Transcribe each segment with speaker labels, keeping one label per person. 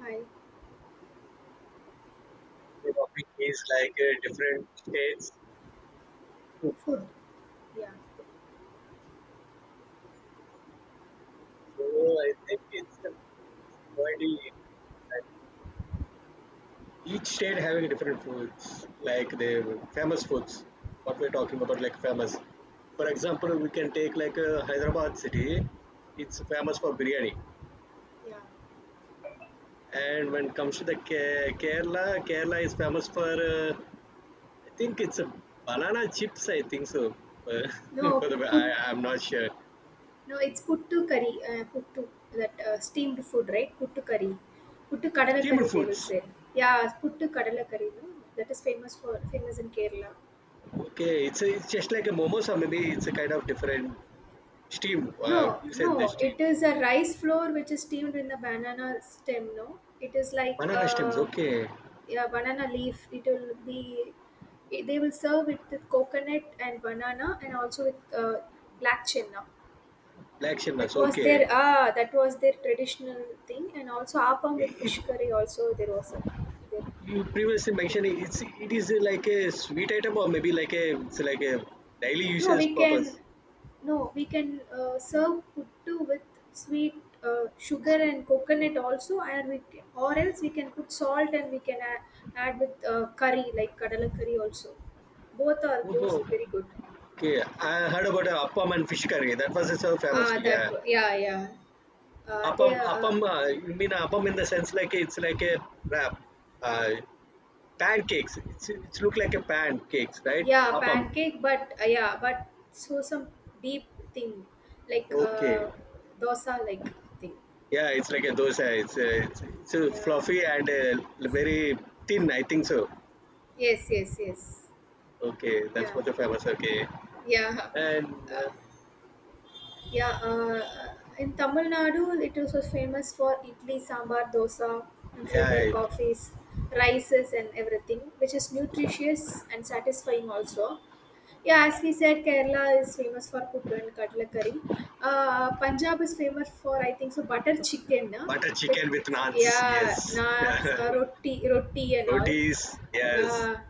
Speaker 1: Hi.
Speaker 2: The topic is like different states food.
Speaker 1: Food. Yeah.
Speaker 2: So I think it's a quality. Each state having different foods, like the famous foods. What we're talking about, like famous. For example, we can take like Hyderabad city. It's famous for biryani.
Speaker 1: Yeah.
Speaker 2: And when it comes to the Kerala, Kerala is famous for. I think it's a banana chips. I think so. Uh, for
Speaker 1: No, put.
Speaker 2: I'm not sure.
Speaker 1: No, it's puttu curry. Puttu, that steamed food, right? Puttu curry. Puttu kadala curry,
Speaker 2: Steamed
Speaker 1: they will
Speaker 2: foods.
Speaker 1: say. Yeah, puttu kadala curry. No, that is famous for famous in Kerala.
Speaker 2: Okay, it's just like a momos, or maybe it's a kind of different steam.
Speaker 1: No,
Speaker 2: You said the
Speaker 1: no, it
Speaker 2: steam.
Speaker 1: is a rice flour which is steamed in the banana stem. No, it is like
Speaker 2: Banana steams, okay.
Speaker 1: yeah, banana leaf. It will be. They will serve it with coconut and banana, and also with black chenna.
Speaker 2: Black
Speaker 1: That
Speaker 2: chestnuts,
Speaker 1: was their
Speaker 2: okay.
Speaker 1: that was their traditional thing, and also appam
Speaker 2: It,
Speaker 1: with
Speaker 2: it,
Speaker 1: fish curry. Also, there was a their
Speaker 2: you previously
Speaker 1: tra-
Speaker 2: mentioned it is like a sweet item, or maybe like a it's like a daily
Speaker 1: no
Speaker 2: uses
Speaker 1: we can
Speaker 2: purpose.
Speaker 1: no we can serve puttu with sweet, sugar
Speaker 2: So,
Speaker 1: and coconut also, and we can, or else we can put salt and we can add, add with curry like kadala curry also. Both are
Speaker 2: okay.
Speaker 1: goes
Speaker 2: Oh,
Speaker 1: very good.
Speaker 2: okay. I heard about appam and fish curry. That was so famous. Yeah,
Speaker 1: Yeah, yeah. They are,
Speaker 2: appam. You mean appam in the sense like it's like a wrap. Uh, Pancakes. It's look like a pancakes, right?
Speaker 1: yeah,
Speaker 2: Appam.
Speaker 1: pancake, but yeah, but so some deep thing, like
Speaker 2: Okay.
Speaker 1: dosa like thing.
Speaker 2: Yeah, it's like a
Speaker 1: Like,
Speaker 2: dosa. It's a
Speaker 1: yeah.
Speaker 2: fluffy and very thin. I think so.
Speaker 1: Yes, yes, yes.
Speaker 2: Okay, that's
Speaker 1: Yeah,
Speaker 2: what the famous. Okay,
Speaker 1: yeah.
Speaker 2: and
Speaker 1: Uh, yeah, in Tamil Nadu, it is also famous for idli, sambar, dosa, and filter
Speaker 2: yeah,
Speaker 1: coffees, rices, and everything, which is nutritious and satisfying also. Yeah, as we said, Kerala is famous for puttu and katla curry. Punjab is famous for, I think, so butter chicken, na?
Speaker 2: butter
Speaker 1: But
Speaker 2: chicken with naans.
Speaker 1: yeah,
Speaker 2: Yes,
Speaker 1: naats, roti, roti and all.
Speaker 2: rotis. Yes.
Speaker 1: Yeah,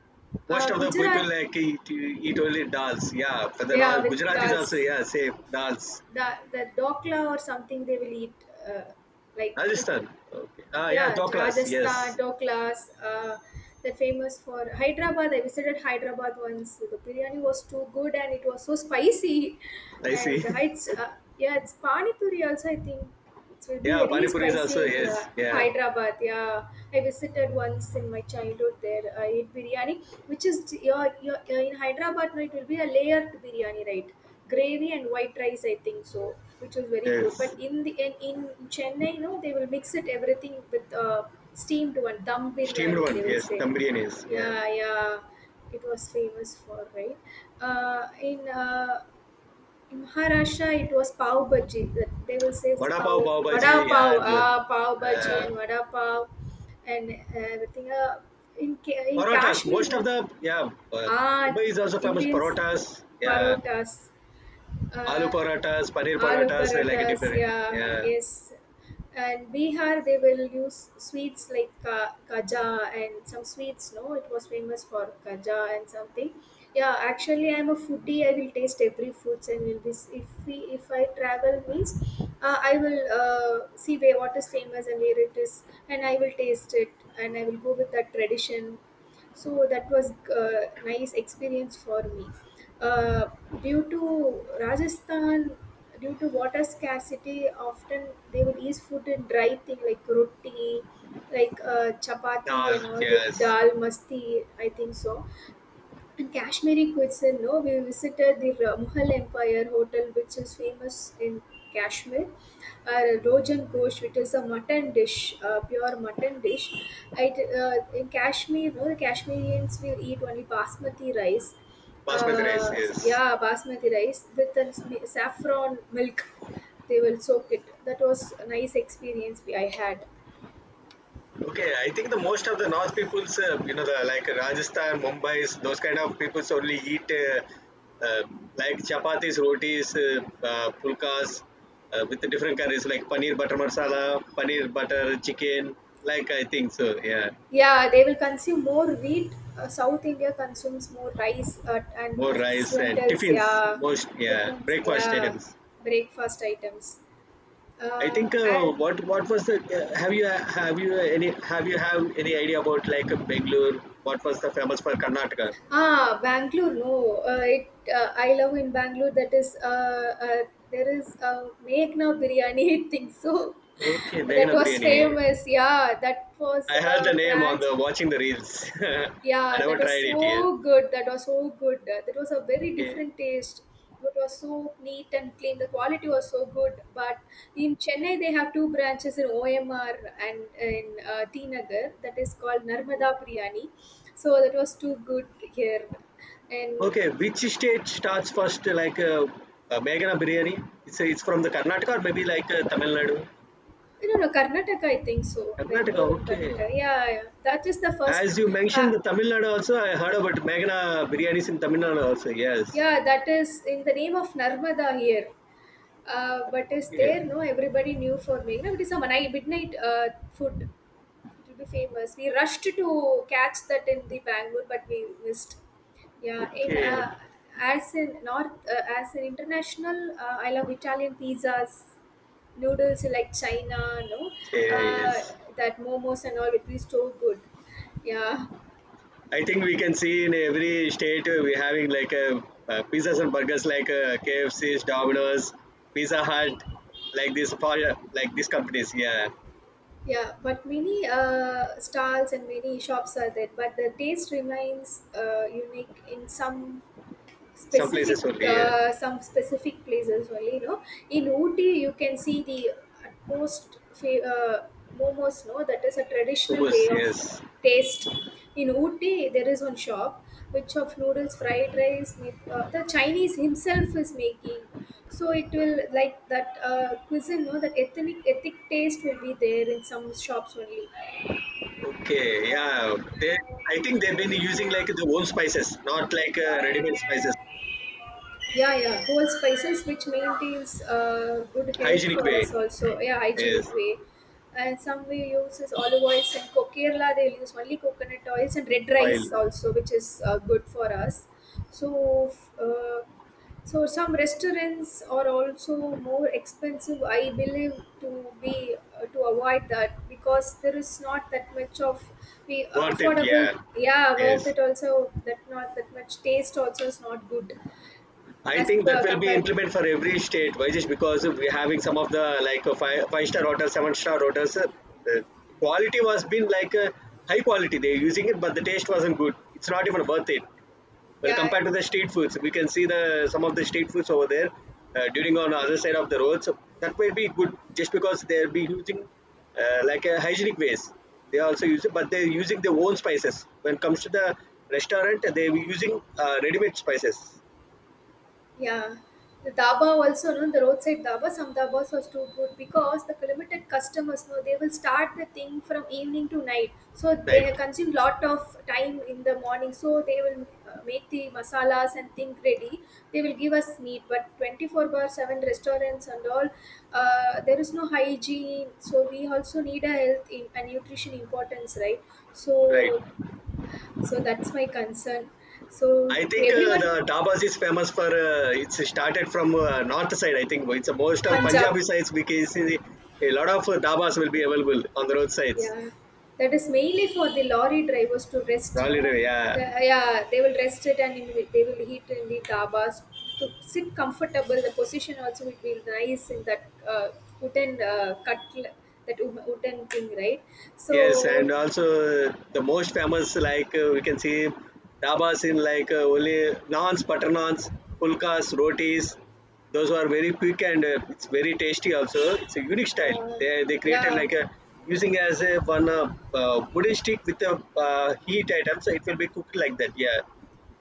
Speaker 2: Most of the people
Speaker 1: Gujarat,
Speaker 2: like eat only dals. Yeah, for the now
Speaker 1: yeah, with
Speaker 2: Gujaratis also.
Speaker 1: dals.
Speaker 2: Yeah, same dals.
Speaker 1: The dokla or something they will eat, uh, like with,
Speaker 2: Rajasthan. Okay. Ah, yeah,
Speaker 1: yeah,
Speaker 2: doklas.
Speaker 1: Rajasthan
Speaker 2: Yes,
Speaker 1: doklas. They're famous for Hyderabad. I visited Hyderabad once, the biryani was too good and it was so spicy,
Speaker 2: I see.
Speaker 1: and it's, yeah, it's pani puri also, I think it will be
Speaker 2: Yeah,
Speaker 1: very
Speaker 2: Pani Puri is
Speaker 1: spicy
Speaker 2: also,
Speaker 1: in
Speaker 2: yes, yeah,
Speaker 1: Hyderabad, yeah. I visited once in my childhood, there I ate biryani, which is your in Hyderabad, no, it will be a layered biryani, right? Gravy and white rice, I think so, which was very good. But
Speaker 2: yes.
Speaker 1: in the in Chennai, no, they will mix it everything with steamed one, dum
Speaker 2: Steamed
Speaker 1: biryani,
Speaker 2: one,
Speaker 1: they will
Speaker 2: yes,
Speaker 1: say.
Speaker 2: Dum biryani is, yeah.
Speaker 1: Yeah, yeah, it was famous for right. Uh, in uh, in Maharashtra, it was pav bhaji. That they will say it's
Speaker 2: Vada pav,
Speaker 1: pav,
Speaker 2: pav bhaji,
Speaker 1: vada
Speaker 2: yeah.
Speaker 1: pav,
Speaker 2: The,
Speaker 1: ah, pav bhaji
Speaker 2: uh,
Speaker 1: and vada pav and everything. In
Speaker 2: parotas,
Speaker 1: Kashmir,
Speaker 2: most of
Speaker 1: no,
Speaker 2: the, yeah,
Speaker 1: ah,
Speaker 2: Mumbai is also famous
Speaker 1: Indians,
Speaker 2: parotas, yeah.
Speaker 1: parotas.
Speaker 2: Aloo
Speaker 1: Uh,
Speaker 2: parotas, paneer
Speaker 1: aloo
Speaker 2: parotas they like it
Speaker 1: paratas,
Speaker 2: different,
Speaker 1: yeah,
Speaker 2: yeah.
Speaker 1: yes. And Bihar, they will use sweets like kaja and some sweets, no, it was famous for kaja and something. Yeah, actually I'm a foodie, I will taste every foods and will be, if we if I travel means, I will, see where what is famous and where it is, and I will taste it, and I will go with that tradition. So that was uh, nice experience for me. uh, due to Rajasthan, due to water scarcity, often they would eat food in dry thing like roti, like chapati
Speaker 2: Dal,
Speaker 1: and all with
Speaker 2: yes.
Speaker 1: dal masti, I think so. And Kashmiri cuisine, no, we visited the Mughal Empire Hotel, which is famous in Kashmir. Rojan Ghosh, which is a mutton dish, pure mutton dish. It, in Kashmir, no, the Kashmirians will eat only basmati rice.
Speaker 2: Basmati rice, yes.
Speaker 1: Yeah, basmati rice with a saffron milk. They will soak it. That was a nice experience we, I had.
Speaker 2: Okay, I think the most of the North peoples, you know, the like Rajasthan, Mumbai's, those kind of peoples only eat uh, like chapatis, rotis, pulkas with the different curries like paneer butter masala, paneer butter chicken. Like I think so, yeah.
Speaker 1: Yeah, they will consume more wheat. South India consumes more rice and
Speaker 2: More rice and
Speaker 1: lentils.
Speaker 2: tiffins,
Speaker 1: Yeah,
Speaker 2: most yeah,
Speaker 1: tiffins.
Speaker 2: breakfast
Speaker 1: Yeah,
Speaker 2: items.
Speaker 1: breakfast items.
Speaker 2: I think
Speaker 1: Uh, and,
Speaker 2: what was the have you any have you have any idea about like Bangalore? What was the famous for Karnataka?
Speaker 1: ah, Bangalore. No, it. I love in Bangalore. That is. There is a Meghna biryani. I think so.
Speaker 2: Okay,
Speaker 1: That
Speaker 2: Meghana
Speaker 1: was
Speaker 2: biryani.
Speaker 1: famous. Yeah, that was
Speaker 2: I heard the
Speaker 1: a
Speaker 2: name on
Speaker 1: branch.
Speaker 2: the watching the reels. I
Speaker 1: Yeah, that
Speaker 2: never
Speaker 1: was
Speaker 2: tried it yet.
Speaker 1: so good. That was so good. That was a very
Speaker 2: Okay.
Speaker 1: different taste. It was so neat and clean. The quality was so good. But in Chennai, they have two branches in OMR and in T Nagar, that is called Narmada Priyani. So that was too good here. And
Speaker 2: Okay. Which state starts first? Like Megana biryani. It's from the Karnataka or maybe like Tamil Nadu.
Speaker 1: you know, no, Karnataka, I think so.
Speaker 2: Karnataka.
Speaker 1: Bangalore or
Speaker 2: Okay.
Speaker 1: Karnataka. Yeah, yeah. That is the first.
Speaker 2: As you mentioned,
Speaker 1: Uh,
Speaker 2: the Tamil Nadu also. I heard about Megana biryanis in Tamil Nadu also. Yes.
Speaker 1: yeah, that is in the name of Narmada here. But is
Speaker 2: Okay.
Speaker 1: there no everybody knew for me? You know, it is a night, midnight food. It will be famous. We rushed to catch that in the Bangalore, but we missed. Yeah, in
Speaker 2: Okay.
Speaker 1: as in north, as an international, I love Italian pizzas, noodles like China. No,
Speaker 2: Yeah,
Speaker 1: uh,
Speaker 2: yes.
Speaker 1: that momos and all. It is so good. Yeah,
Speaker 2: I think we can see in every state we're having like a, pizzas and burgers like KFC's, Domino's, Pizza Hut, like this for like these companies. Yeah,
Speaker 1: yeah. But many stalls and many shops are there, but the taste remains unique in some
Speaker 2: some
Speaker 1: specific,
Speaker 2: places only. Yeah.
Speaker 1: some specific places only, you know. In Ooty you can see the utmost momos, no, that is a traditional
Speaker 2: Hummus,
Speaker 1: way of
Speaker 2: yes.
Speaker 1: taste. In Ooty there is one shop which of noodles, fried rice, the Chinese himself is making, so it will like that cuisine, no, that ethnic taste will be there in some shops only.
Speaker 2: Okay, yeah. They, I think they've been using like the own spices, not like ready-made spices.
Speaker 1: Yeah, yeah, whole spices which maintains good health
Speaker 2: Hygienic
Speaker 1: for
Speaker 2: way.
Speaker 1: us also, yeah,
Speaker 2: Yes.
Speaker 1: hygienic way. And some we uses olive oils, and Kerala they use only coconut oils and red
Speaker 2: Oil.
Speaker 1: rice also, which is good for us. So uh, so some restaurants are also more expensive, I believe, to be to avoid that, because there is not that much of we
Speaker 2: Worth it.
Speaker 1: affordable,
Speaker 2: Yeah.
Speaker 1: yeah, worth
Speaker 2: Yes.
Speaker 1: it also, that not that much taste also is not good.
Speaker 2: I
Speaker 1: As
Speaker 2: think that
Speaker 1: per
Speaker 2: will be
Speaker 1: compared,
Speaker 2: implemented for every state. Why just because we're having some of the like five star hotels, seven-star hotels. The quality was been like high quality. They're using it, but the taste wasn't good. It's not even worth it. Well,
Speaker 1: yeah,
Speaker 2: compared to the street foods, we can see the some of the street foods over there during on the other side of the road. So that will be good just because they'll be using like a hygienic ways. They also use it, but they're using their own spices. When it comes to the restaurant, they're using ready-made spices.
Speaker 1: yeah. The dhaba also, no, the roadside dhaba, some dhabas was too good, because the limited customers, no, they will start the thing from evening to night, so they
Speaker 2: Right.
Speaker 1: have consumed lot of time in the morning, so they will make the masalas and thing ready. They will give us meat, but 24 bar 7 restaurants and all, there is no hygiene, so we also need a health in, and nutrition importance, right?
Speaker 2: Right.
Speaker 1: So, so that's my concern. So
Speaker 2: I think
Speaker 1: everyone
Speaker 2: the Dabas is famous for it's started from north side. I think it's the most of
Speaker 1: Punjab.
Speaker 2: Punjabi sides because a lot of Dabas will be available on the road sides.
Speaker 1: Yeah, that is mainly for the lorry drivers to rest. No,
Speaker 2: Probably,
Speaker 1: the,
Speaker 2: yeah.
Speaker 1: yeah, they will rest it and they will eat in the dhabas to sit comfortable. The position also will be nice in that wooden cut, that wooden thing, right?
Speaker 2: Yes, and
Speaker 1: So
Speaker 2: also the most famous, like we can see dabas in like only naans, butter naans, pulkas, rotis. Those are very quick and it's very tasty. Also, it's a unique style.
Speaker 1: yeah,
Speaker 2: They created
Speaker 1: yeah.
Speaker 2: like a using as a one wooden stick with a heat item, so it will be cooked like that. Yeah,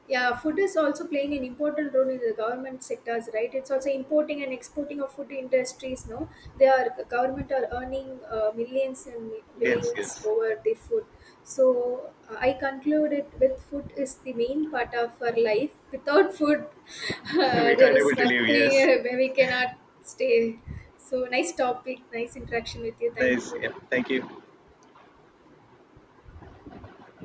Speaker 1: Yeah, food is also playing an important role in the government sectors, right? It's also importing and exporting of food industries. No, they are government are earning millions and
Speaker 2: yes,
Speaker 1: billions
Speaker 2: yes.
Speaker 1: over the food. So I conclude it with food is the main part of our life. Without food,
Speaker 2: we
Speaker 1: there
Speaker 2: can't able
Speaker 1: is
Speaker 2: to leave. Yes,
Speaker 1: nothing where we cannot stay. So nice topic, nice interaction with you. Thank
Speaker 2: nice.
Speaker 1: you.
Speaker 2: Yeah, thank you.